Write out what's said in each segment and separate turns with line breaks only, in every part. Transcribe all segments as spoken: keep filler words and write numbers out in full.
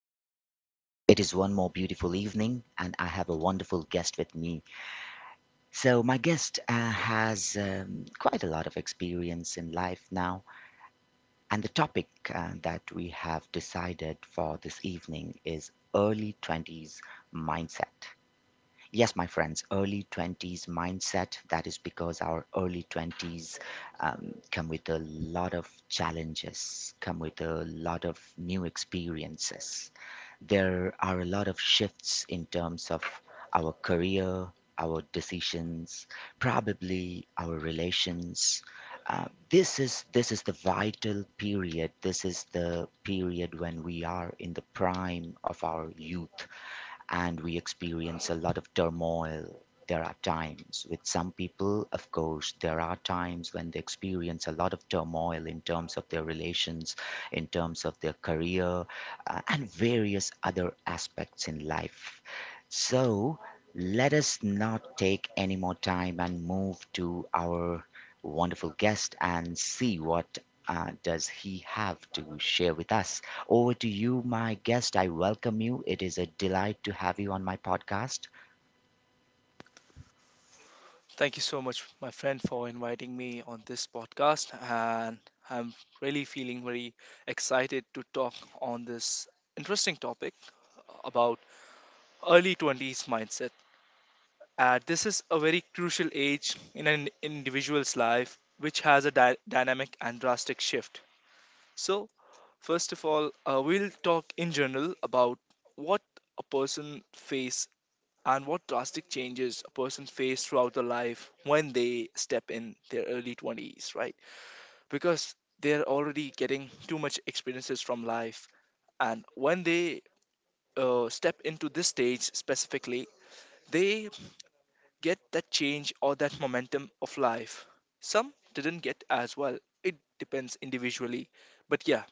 the podcast. It is one more beautiful evening, and I have a wonderful guest with me. So, my guest uh, has um, quite a lot of experience in life now, and the topic uh, that we have decided for this evening is early twenties mindset. Yes, my friends, early twenties mindset. That is because our early twenties um, come with a lot of challenges, come with a lot of new experiences. There are a lot of shifts in terms of our career, our decisions, probably our relations. Uh, this is this is the vital period. This is the period when we are in the prime of our youth and we experience a lot of turmoil. There are times with some people, of course, there are times when they experience a lot of turmoil in terms of their relations, in terms of their career, uh, and various other aspects in life. So let us not take any more time and move to our wonderful guest and see what uh, does he have to share with us. Over to you, my guest. I welcome you. It is a delight to have you on my podcast.
Thank you so much, my friend, for inviting me on this podcast. And I'm really feeling very excited to talk on this interesting topic about early twenties mindset. Uh, this is a very crucial age in an individual's life, which has a dy- dynamic and drastic shift. So, first of all, uh, we'll talk in general about what a person face and what drastic changes a person face throughout their life when they step in their early twenties, right? Because they're already getting too much experiences from life. And when they uh, step into this stage specifically, they get that change or that momentum of life. Some didn't get as well. It depends individually. But yeah,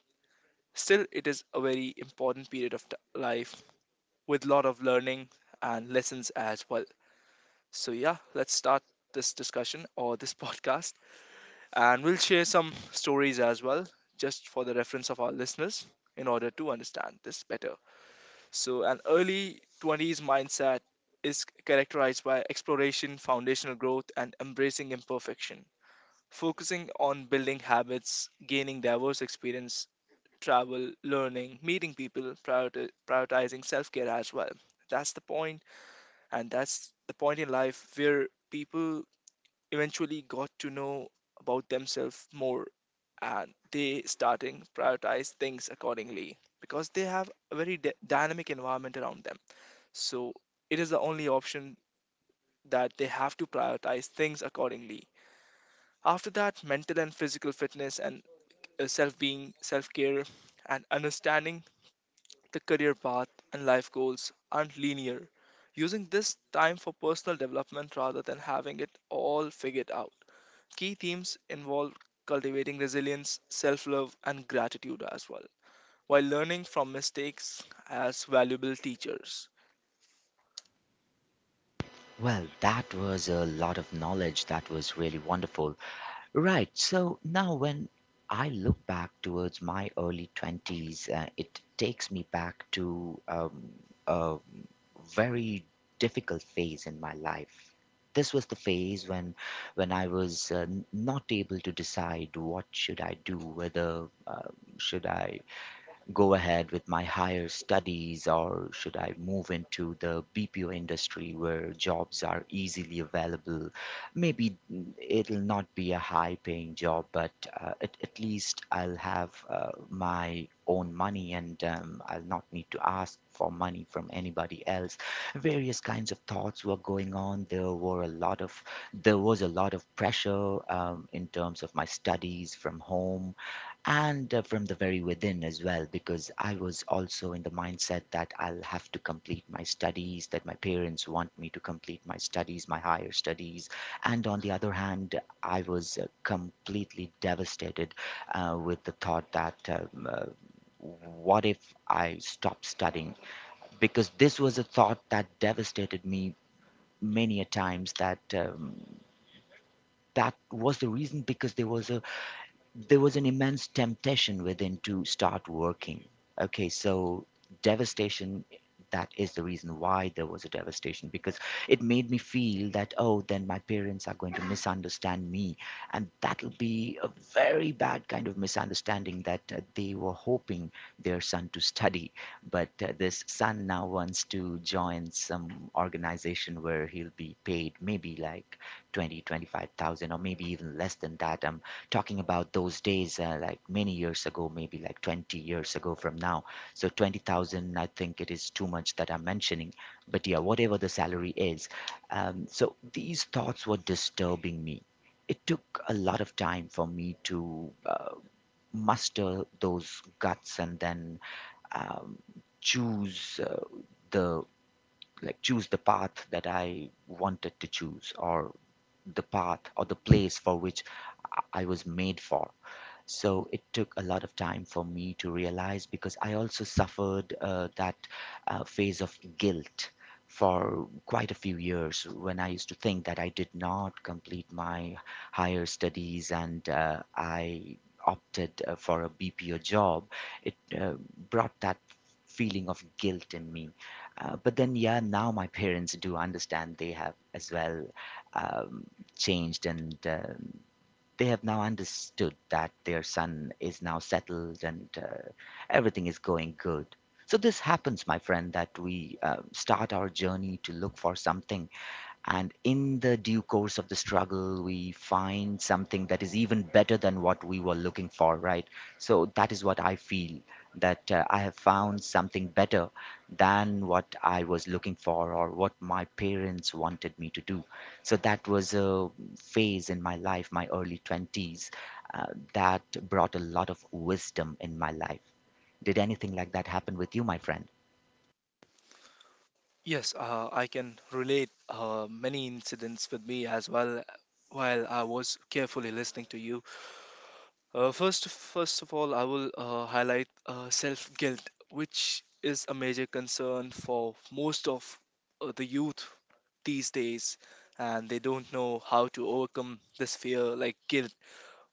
still, it is a very important period of t- life with lot of learning and lessons as well. So, yeah, let's start this discussion or this podcast. And we'll share some stories as well, just for the reference of our listeners in order to understand this better. So, an early twenties mindset is characterized by exploration, foundational growth, and embracing imperfection, focusing on building habits, gaining diverse experience. Travel, learning, meeting people, prioriti- prioritizing self care as well. That's the point, and that's the point in life where people eventually got to know about themselves more and they starting prioritize things accordingly because they have a very d- dynamic environment around them, so it is the only option that they have to prioritize things accordingly. After that, mental and physical fitness and, uh, self-being self-care and understanding the career path and life goals aren't linear, using this time for personal development rather than having it all figured out. Key themes involve cultivating resilience, self love, and gratitude as well, while learning from mistakes as valuable teachers.
Well, that was a lot of knowledge. That was really wonderful. Right. So now, when I look back towards my early twenties, uh, it takes me back to um, a very difficult phase in my life. This was the phase when when I was uh, n- not able to decide what should I do, whether uh, should I go ahead with my higher studies or should I move into the B P O industry where jobs are easily available? Maybe it'll not be a high paying job, but uh, at, at least I'll have uh, my own money and um, I'll not need to ask for money from anybody else. Various kinds of thoughts were going on. There were a lot of there was a lot of pressure um, in terms of my studies from home and uh, from the very within as well, because I was also in the mindset that I'll have to complete my studies, that my parents want me to complete my studies, my higher studies. And on the other hand, I was uh, completely devastated uh, with the thought that um, uh, what if I stop studying? Because this was a thought that devastated me many a times. That um, that was the reason, because there was a there was an immense temptation within to start working. Okay, so devastation, that is the reason why there was a devastation, because it made me feel that, oh, then my parents are going to misunderstand me, and that'll be a very bad kind of misunderstanding, that uh, they were hoping their son to study, but uh, this son now wants to join some organization where he'll be paid maybe like twenty, twenty-five thousand, or maybe even less than that. I'm talking about those days, uh, like many years ago, maybe like twenty years ago from now. So twenty thousand, I think it is too much that I'm mentioning, but yeah, whatever the salary is. Um, so these thoughts were disturbing me. It took a lot of time for me to uh, muster those guts and then um, choose uh, the like choose the path that I wanted to choose, or the path or the place for which I was made for. So it took a lot of time for me to realize, because I also suffered uh, that uh, phase of guilt for quite a few years when I used to think that I did not complete my higher studies, and uh, I opted uh, for a B P O job. It uh, brought that feeling of guilt in me. Uh, but then, yeah, now my parents do understand. They have as well um, changed, and um they have now understood that their son is now settled, and uh, everything is going good. So this happens, my friend, that we uh, start our journey to look for something, and in the due course of the struggle, we find something that is even better than what we were looking for, right? So that is what I feel, that uh, I have found something better than what I was looking for, or what my parents wanted me to do. So that was a phase in my life, my early twenties, uh, that brought a lot of wisdom in my life. Did anything like that happen with you, my friend?
Yes, uh, I can relate uh, many incidents with me as well while I was carefully listening to you. Uh, first, first of all, I will uh, highlight uh, self guilt, which is a major concern for most of uh, the youth these days, and they don't know how to overcome this fear like guilt.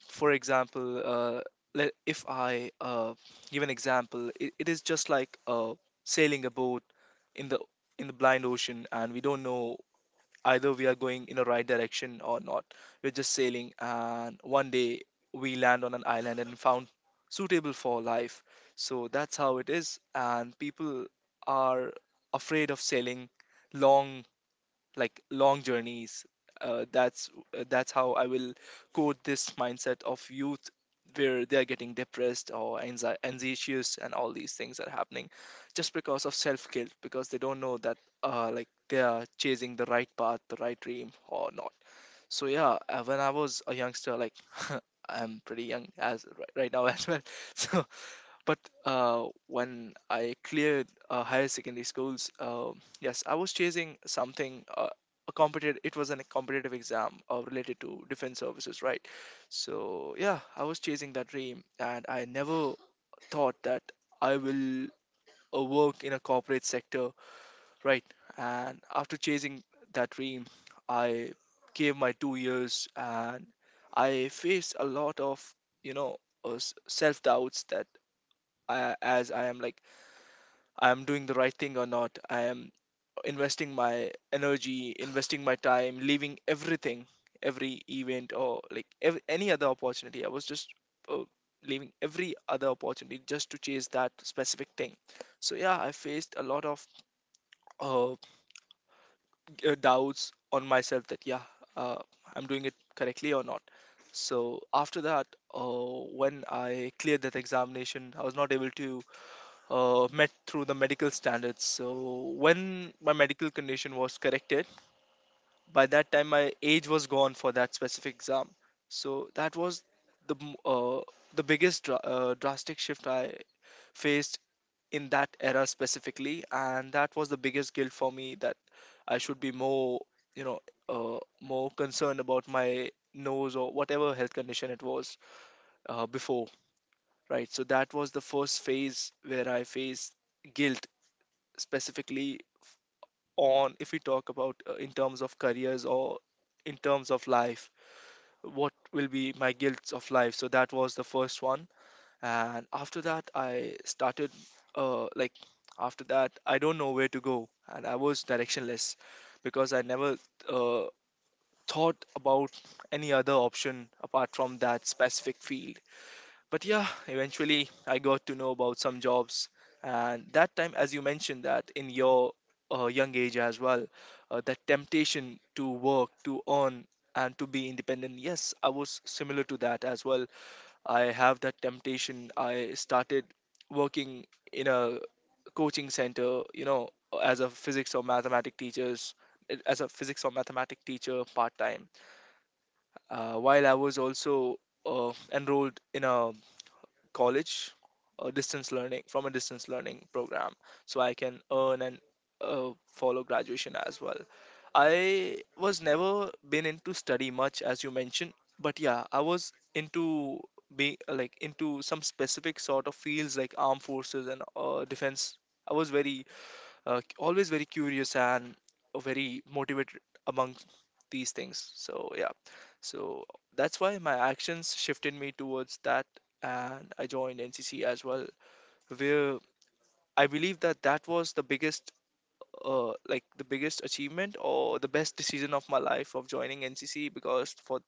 For example, uh, le- if I uh, give an example, it, it is just like uh, sailing a boat in the in the blind ocean, and we don't know either we are going in the right direction or not. We're just sailing, and one day we land on an island and found suitable for life. So that's how it is, and people are afraid of sailing long like long journeys. Uh, that's uh, that's how I will quote this mindset of youth where they are getting depressed or anxi- anxious and all these things are happening just because of self guilt, because they don't know that, uh, like, they are chasing the right path, the right dream or not. So yeah, uh, when I was a youngster, like, I'm pretty young as ri- right now as well. So but uh, when I cleared uh, higher secondary schools, uh, yes, I was chasing something. Uh, a competitive. It was a competitive exam uh, related to defense services, right? So yeah, I was chasing that dream, and I never thought that I will uh, work in a corporate sector, right? And after chasing that dream, I gave my two years, and I faced a lot of, you know, self doubts that I, as I am like I'm doing the right thing or not. I am investing my energy, investing my time, leaving everything, every event or like ev- any other opportunity. I was just uh, leaving every other opportunity just to chase that specific thing. So yeah, I faced a lot of uh, g- uh, doubts on myself that yeah, uh, I'm doing it correctly or not. So after that, uh, when I cleared that examination, I was not able to uh, met through the medical standards. So when my medical condition was corrected, by that time my age was gone for that specific exam. So that was the m- uh, the biggest dra- uh, drastic shift I faced in that era specifically, and that was the biggest guilt for me that I should be more, you know, uh, more concerned about my nose or whatever health condition it was uh, before, right? So that was the first phase where I faced guilt specifically. On If we talk about, uh, in terms of careers or in terms of life, what will be my guilts of life, so that was the first one. And after that, I started, uh, like after that, I don't know where to go, and I was directionless because I never uh, thought about any other option apart from that specific field. But yeah, eventually I got to know about some jobs, and that time, as you mentioned, that in your uh, young age as well, uh, that temptation to work, to earn, and to be independent, yes, I was similar to that as well. I have that temptation. I started working in a coaching center, you know, as a physics or mathematics teachers as a physics or mathematics teacher part time, uh, while I was also uh, enrolled in a college, uh, distance learning from a distance learning program, so I can earn and uh, follow graduation as well. I was never been into study much, as you mentioned, but yeah, I was into being like into some specific sort of fields like armed forces and, uh, defense. I was very, uh, always very curious and, uh, very motivated among these things. So yeah, so that's why my actions shifted me towards that, and I joined N C C as well, where I believe that that was the biggest, uh, like the biggest achievement or the best decision of my life of joining N C C, because for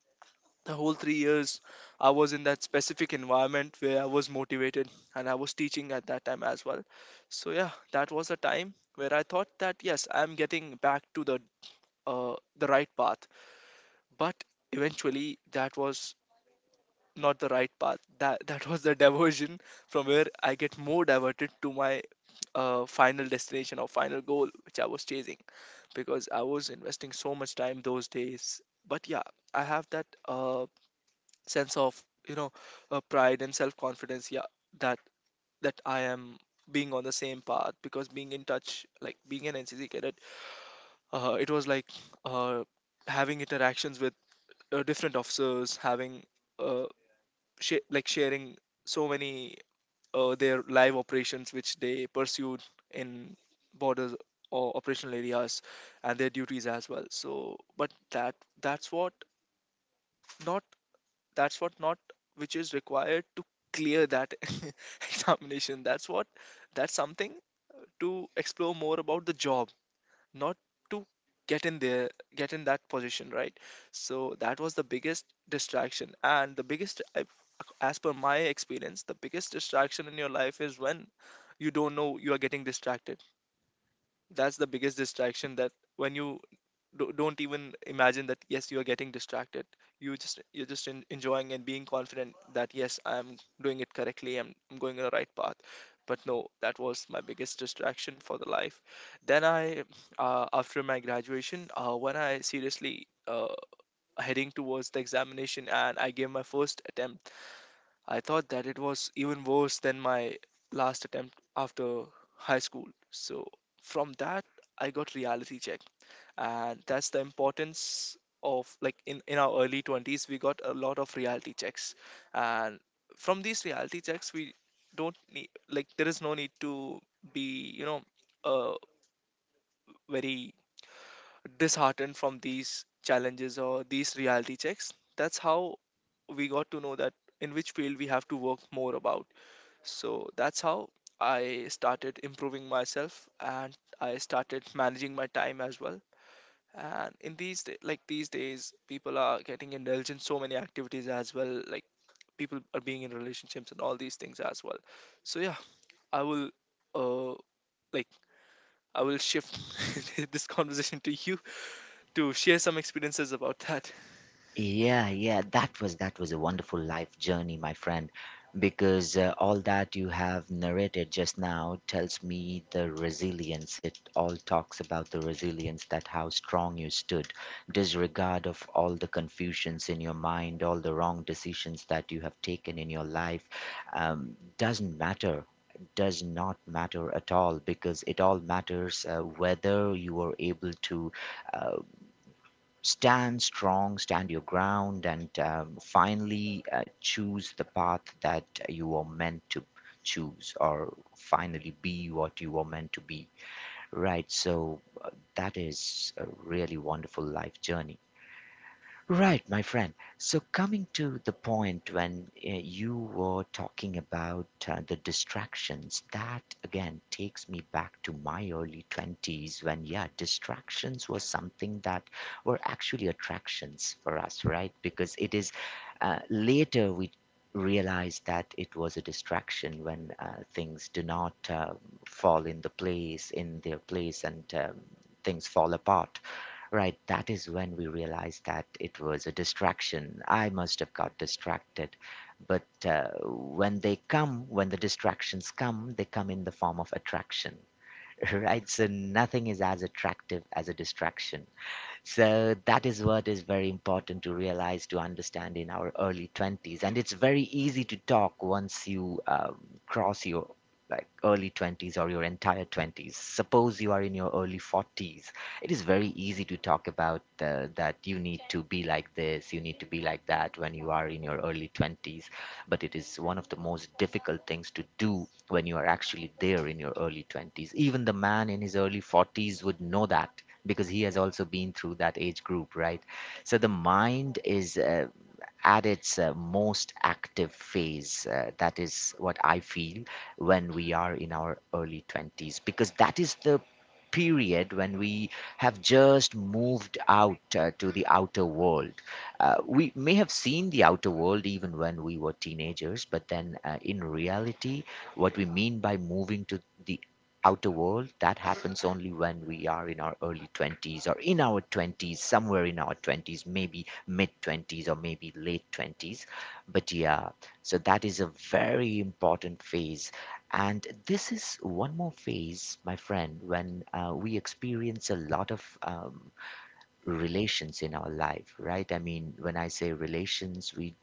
the whole three years I was in that specific environment where I was motivated, and I was teaching at that time as well. So yeah, that was a time where I thought that yes, I'm getting back to the, uh, the right path. But eventually that was not the right path. That That was the diversion from where I get more diverted to my uh, final destination or final goal which I was chasing, because I was investing so much time those days. But yeah, I have that uh, sense of, you know, uh, pride and self confidence, yeah, that that I am being on the same path, because being in touch, like being an N C C cadet, uh, it was like uh, having interactions with uh, different officers, having uh, sh- like sharing so many uh, their live operations which they pursued in borders or operational areas and their duties as well. So but that, that's what not, that's what not which is required to clear that examination. That's what that's something to explore more about the job, not to get in there, get in that position, right? So that was the biggest distraction and the biggest I- as per my experience, the biggest distraction in your life is when you don't know you are getting distracted. That's the biggest distraction, that when you do- don't even imagine that yes, you are getting distracted. You just you're just en- enjoying and being confident that yes, I'm doing it correctly. I'm, I'm going on the right path. But no, that was my biggest distraction for the life. Then I, uh, after my graduation, uh, when I seriously uh, heading towards the examination, and I gave my first attempt, I thought that it was even worse than my last attempt after high school. So from that, I got reality check, and that's the importance of, like, in in our early twenties we got a lot of reality checks, and from these reality checks we don't need, like, there is no need to be, you know, uh, very disheartened from these challenges or these reality checks. That's how we got to know that in which field we have to work more about. So that's how I started improving myself, and I started managing my time as well. And in these da- like these days, people are getting indulged in so many activities as well. Like, people are being in relationships and all these things as well. So yeah, I will, uh like I will shift this conversation to you to share some experiences about that.
Yeah, yeah, that was that was a wonderful life journey, my friend, because uh, all that you have narrated just now tells me the resilience. It all talks about the resilience, that how strong you stood, disregard of all the confusions in your mind, all the wrong decisions that you have taken in your life. Um, doesn't matter. Does not matter at all, because it all matters uh, whether you are able to uh, stand strong, stand your ground, and um, finally uh, choose the path that you are meant to choose, or finally be what you are meant to be. Right. So uh, that is a really wonderful life journey. Right, my friend. So, coming to the point when uh, you were talking about uh, the distractions, that again takes me back to my early twenties, when, yeah, distractions were something that were actually attractions for us, right? Because it is uh, later we realized that it was a distraction, when uh, things do not um fall in the place, in their place, and um, things fall apart. Right, that is when we realized that it was a distraction. I must have got distracted. But uh, when they come, when the distractions come, they come in the form of attraction, right? So nothing is as attractive as a distraction. So that is what is very important to realize, to understand in our early twenties. And it's very easy to talk once you um, cross your like early twenties or your entire twenties. Suppose you are in your early forties, it is very easy to talk about uh, that you need to be like this, you need to be like that, when you are in your early twenties. But it is one of the most difficult things to do when you are actually there in your early twenties. Even the man in his early forties would know that, because he has also been through that age group, right? So the mind is uh, at its uh, most active phase. Uh, that is what I feel when we are in our early twenties, because that is the period when we have just moved out uh, to the outer world. Uh, we may have seen the outer world even when we were teenagers, but then uh, in reality, what we mean by moving to the outer world, that happens only when we are in our early twenties, or in our twenties, somewhere in our twenties, maybe mid twenties or maybe late twenties. But yeah, so that is a very important phase. And this is one more phase, my friend, when uh, we experience a lot of um, relations in our life, right? I mean, when I say relations, we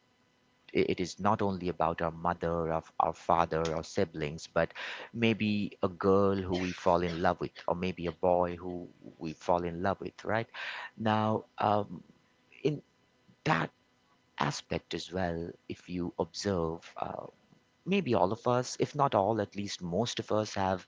i- it is not only about our mother, our, our father, our siblings, but maybe a girl who we fall in love with, or maybe a boy who we fall in love with, right? Now, um, in that aspect as well, if you observe, uh, maybe all of us, if not all, at least most of us have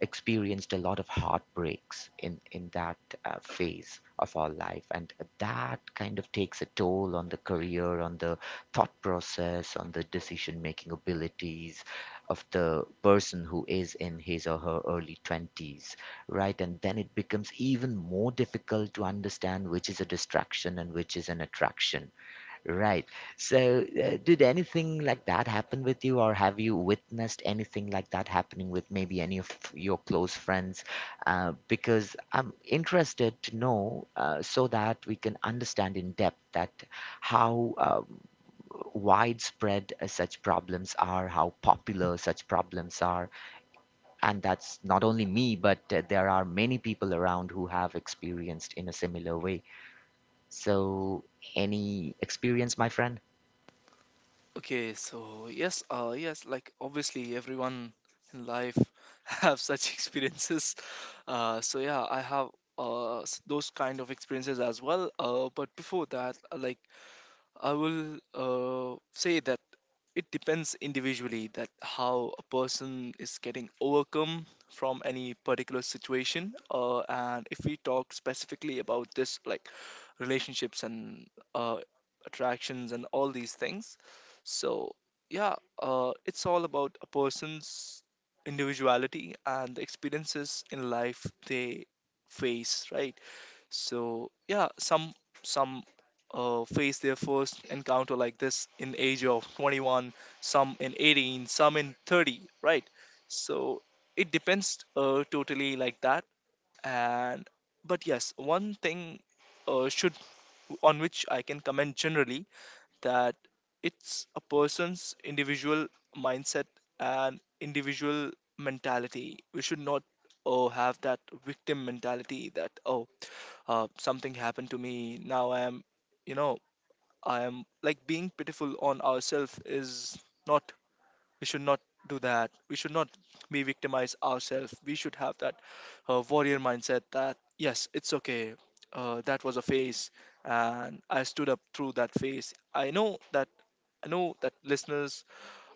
experienced a lot of heartbreaks in in that uh, phase of our life, and that kind of takes a toll on the career, on the thought process, on the decision making abilities of the person who is in his or her early twenties, right? And then it becomes even more difficult to understand which is a distraction and which is an attraction. Right. So, uh, did anything like that happen with you, or have you witnessed anything like that happening with maybe any of your close friends? Uh, because I'm interested to know, uh, so that we can understand in depth that how um, widespread uh, such problems are, how popular such problems are, and that's not only me, but uh, there are many people around who have experienced in a similar way. So, any experience, my friend?
Okay, so yes, uh, yes, like obviously everyone in life have such experiences. Uh, so yeah, I have uh, s- those kind of experiences as well. Uh, but before that, uh, like I will uh, say that it depends individually that how a person is getting overcome from any particular situation. Uh, and if we talk specifically about this, like relationships and, uh, attractions and all these things, so yeah, uh, it's all about a person's individuality and the experiences in life they face, right? So yeah, some some uh, face their first encounter like this in age of twenty-one, some in eighteen, some in thirty, right? So it depends uh, totally like that. And but yes, one thing uh, should on which I can comment generally, that it's a person's individual mindset and individual mentality. We should not oh have that victim mentality, that oh uh, something happened to me, now I am you know I am like, being pitiful on ourselves is not, we should not do that. We should not be victimize ourselves. We should have that uh, warrior mindset, that yes, it's okay. Uh, that was a phase, and I stood up through that phase. I know that I know that listeners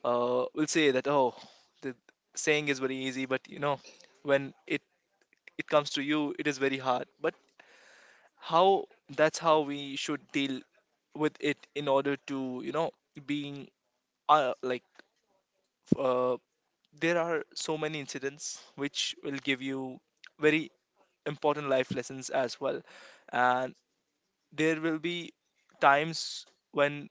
uh, will say that, oh, the saying is very easy, but you know when it it comes to you, it is very hard. But how that's how we should deal with it, in order to, you know being, uh, like, uh, there are so many incidents which will give you very important life lessons as well, and there will be times when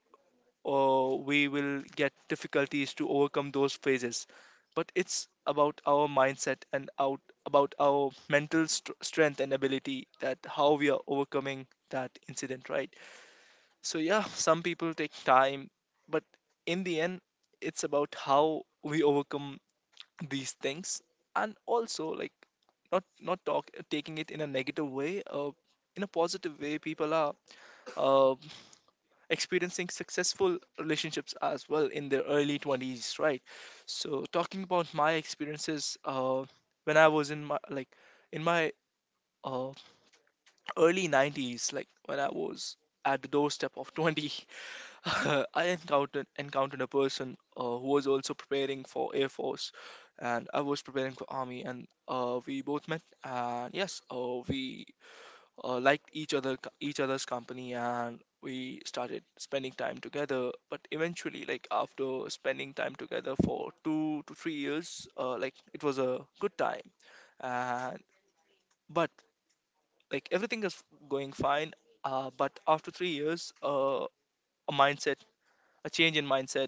uh, we will get difficulties to overcome those phases. But it's about our mindset and out about our mental st- strength and ability, that how we are overcoming that incident, right? So yeah, some people take time, but in the end, it's about how we overcome these things. And also, like, not not talk taking it in a negative way, uh, in a positive way, people are uh, experiencing successful relationships as well in their early twenties, right? So talking about my experiences, uh, when I was in my, like, in my uh, early nineties, like when I was at the doorstep of twenty, I encountered encountered a person uh, who was also preparing for Air Force, and I was preparing for Army, and uh, we both met, and yes, uh, we uh, liked each other each other's company, and we started spending time together. But eventually, like, after spending time together for two to three years, uh, like, it was a good time, and, but, like, everything is going fine. Uh, but after three years, uh, a mindset, a change in mindset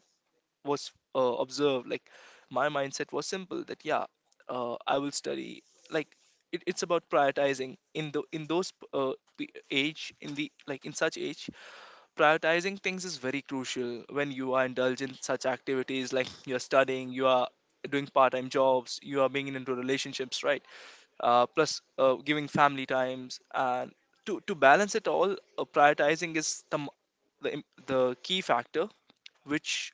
was uh, observed. Like, my mindset was simple, that, yeah, uh, I will study. Like, it, it's about prioritizing in the in those, uh, the age, in the like in such age, prioritizing things is very crucial when you are indulged in such activities, like, you're studying, you are doing part-time jobs, you are being into relationships, right? Uh, plus uh, giving family times, and to, to balance it all, uh, prioritizing is the, m- the im- the key factor, which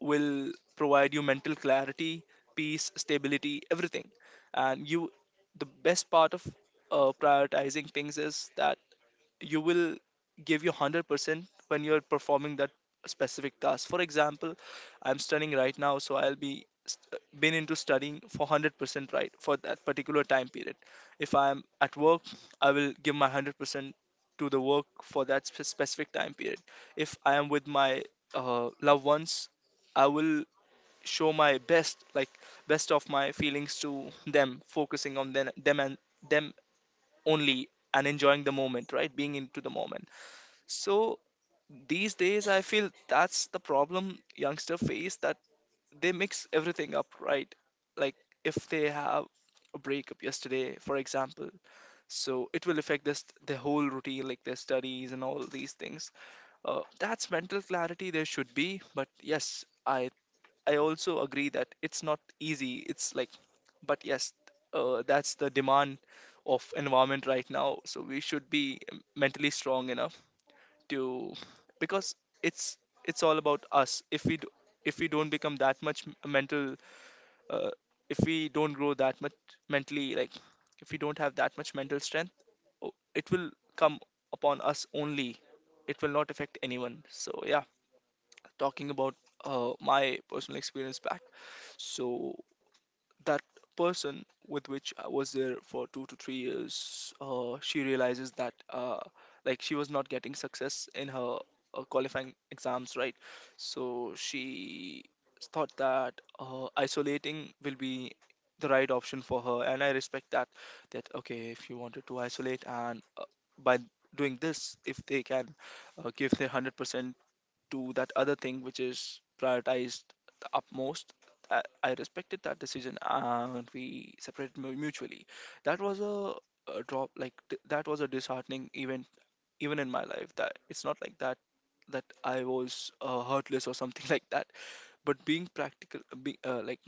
will provide you mental clarity, peace, stability, everything. And you, the best part of uh, prioritizing things is that you will give your one hundred percent when you're performing that specific task. For example, I'm studying right now, so I'll be st- been into studying for one hundred percent, right, for that particular time period. If I'm at work, I will give my one hundred percent to the work for that spe- specific time period. If I am with my uh, loved ones, I will show my best, like, best of my feelings to them, focusing on them them and them only, and enjoying the moment, right, being into the moment. So these days, I feel that's the problem youngster face, that they mix everything up, right? Like, if they have a breakup yesterday, for example, so it will affect this the whole routine, like their studies and all these things. Uh, that's mental clarity there should be, but yes, I I also agree that it's not easy. It's like, but yes, uh, that's the demand of environment right now. So we should be mentally strong enough, to because it's it's all about us. If we do, if we don't become that much m- mental, uh, if we don't grow that much mentally, like, if we don't have that much mental strength, o- it will come upon us only, it will not affect anyone. So yeah, talking about uh, my personal experience back. So that person with which I was there for two to three years, uh, she realizes that, uh, like, she was not getting success in her uh, qualifying exams, right? So she thought that uh, isolating will be the right option for her, and I respect that. That, okay, if you wanted to isolate, and uh, by doing this, if they can uh, give their hundred percent to that other thing which is prioritized the utmost. I, I respected that decision, and we separated mu- mutually. That was a, a drop, like, th- that was a disheartening event, even in my life. That it's not like that, that I was uh, heartless or something like that. But being practical, be, uh, like,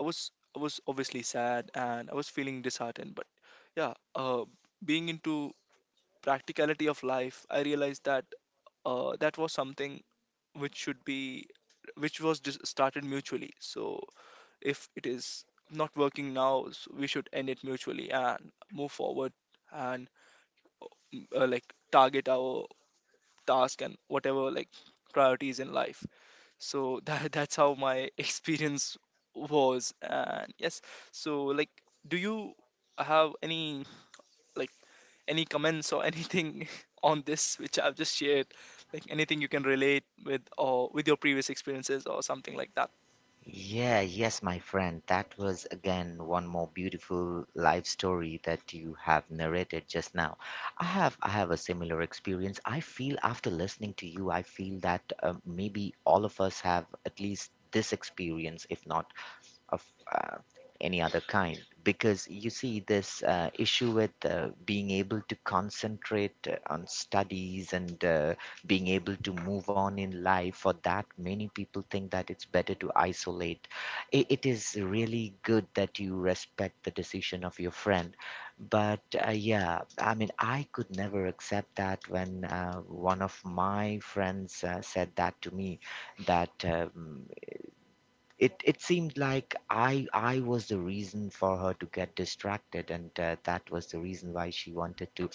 I was, I was obviously sad, and I was feeling disheartened. But yeah, uh, being into practicality of life, I realized that, uh, that was something which should be which was just started mutually, so if it is not working now, s we should end it mutually and move forward, and uh, like, target our task and whatever, like, priorities in life. So that that's how my experience was. And yes, so, like, do you have any, like, any comments or anything on this which I've just shared, like anything you can relate with or with your previous experiences or something like that?
Yeah, yes, my friend. That was again one more beautiful life story that you have narrated just now. I have I have a similar experience. I feel after listening to you, I feel that uh, maybe all of us have at least this experience, if not of uh, any other kind, because you see this uh, issue with uh, being able to concentrate uh, on studies and uh, being able to move on in life. For that, many people think that it's better to isolate. It, it is really good that you respect the decision of your friend, but uh, yeah, I mean, I could never accept that when uh, one of my friends uh, said that to me, that um, it it seemed like I I was the reason for her to get distracted, and uh, that was the reason why she wanted to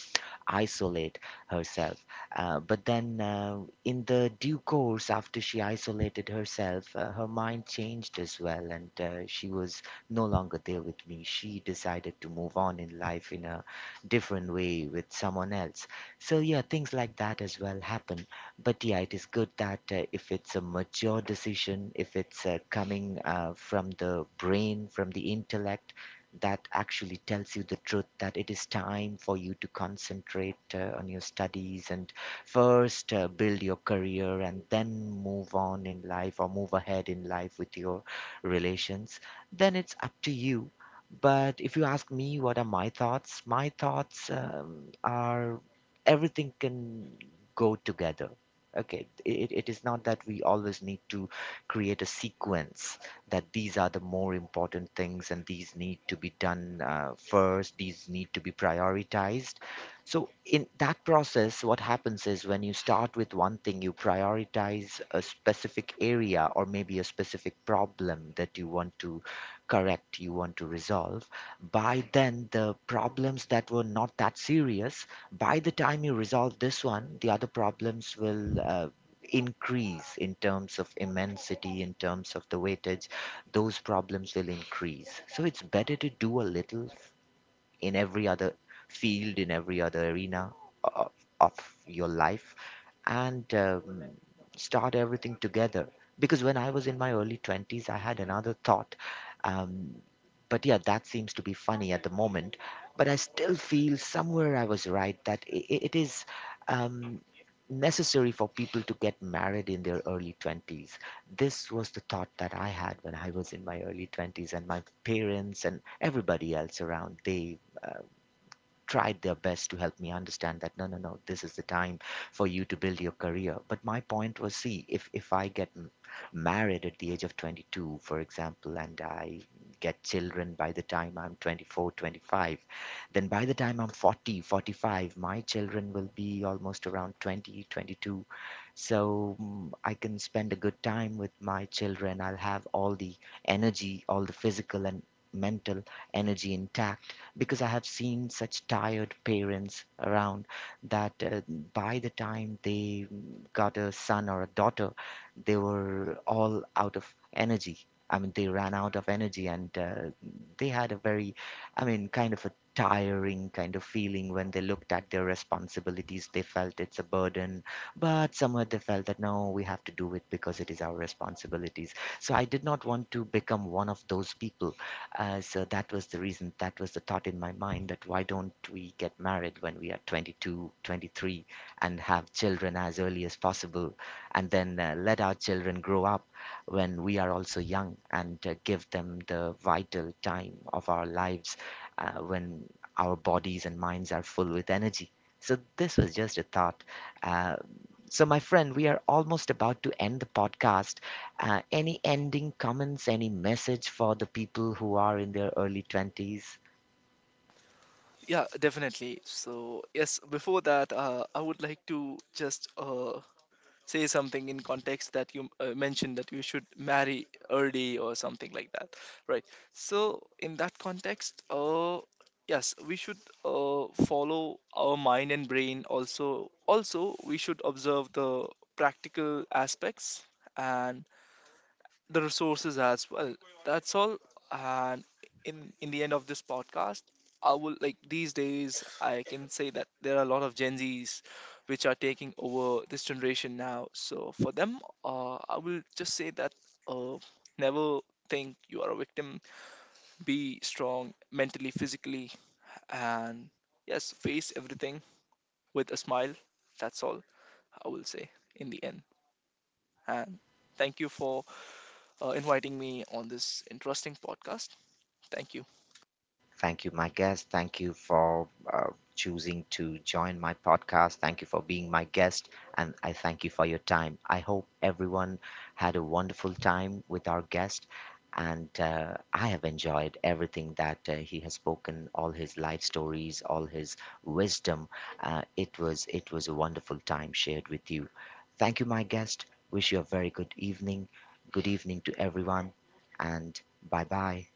isolate herself. Uh, but then, uh, in the due course, after she isolated herself, uh, her mind changed as well, and uh, she was no longer there with me. She decided to move on in life in a different way with someone else. So, yeah, things like that as well happen. But yeah, it is good that uh, if it's a mature decision, if it's uh, coming uh, from the brain, from the intellect, that actually tells you the truth that it is time for you to concentrate uh, on your studies and first uh, build your career and then move on in life or move ahead in life with your relations, then it's up to you. But if you ask me, what are my thoughts? My thoughts um, are everything can go together. Okay, it, it is not that we always need to create a sequence, that these are the more important things and these need to be done uh, first, these need to be prioritized. So, in that process, what happens is when you start with one thing, you prioritize a specific area or maybe a specific problem that you want to correct, you want to resolve. By then, the problems that were not that serious, by the time you resolve this one, the other problems will. Uh, increase in terms of immensity, in terms of the weightage, those problems will increase. So it's better to do a little, in every other field, in every other arena of, of your life, and um, start everything together. Because when I was in my early twenties, I had another thought. Um, but yeah, that seems to be funny at the moment. But I still feel somewhere I was right, that i i- it is um, necessary for people to get married in their early twenties. This was the thought that I had when I was in my early twenties, and my parents and everybody else around, they uh, tried their best to help me understand that no, no, no, this is the time for you to build your career. But my point was, see, if if I get m- married at the age of twenty-two, for example, and I get children by the time I'm twenty-four, twenty-five then by the time I'm forty, forty-five my children will be almost around twenty, twenty-two So mm, I can spend a good time with my children. I'll have all the energy, all the physical and mental energy intact, because I have seen such tired parents around, that uh, by the time they got a son or a daughter, they were all out of energy. I mean, they ran out of energy, and uh, they had a very, I mean, kind of a tiring kind of feeling when they looked at their responsibilities. They felt it's a burden, but somewhere they felt that no, we have to do it because it is our responsibilities. So I did not want to become one of those people. Uh, so that was the reason, that was the thought in my mind, that why don't we get married when we are twenty-two, twenty-three and have children as early as possible, and then uh, let our children grow up when we are also young, and uh, give them the vital time of our lives, uh, when our bodies and minds are full with energy. So this was just a thought. Uh, so, my friend, we are almost about to end the podcast. Uh, any ending comments, any message for the people who are in their early twenties?
Yeah, definitely. So yes, before that, uh, I would like to just uh, say something in context, that you uh, mentioned that you should marry early or something like that, right? So in that context, uh yes, we should uh, follow our mind and brain, also also we should observe the practical aspects and the resources as well. That's all. And in in the end of this podcast, I will like, these days I can say that there are a lot of Gen Zs which are taking over this generation now. So for them, uh, I will just say that, uh, never think you are a victim. Be strong mentally, physically, and yes, face everything with a smile. That's all I will say in the end. And thank you for uh, inviting me on this interesting podcast. Thank you.
Thank you, my guest. Thank you for uh, choosing to join my podcast. Thank you for being my guest. And I thank you for your time. I hope everyone had a wonderful time with our guest. And uh, I have enjoyed everything that uh, he has spoken, all his life stories, all his wisdom. Uh, it was it was a wonderful time shared with you. Thank you, my guest. Wish you a very good evening. Good evening to everyone, and bye bye.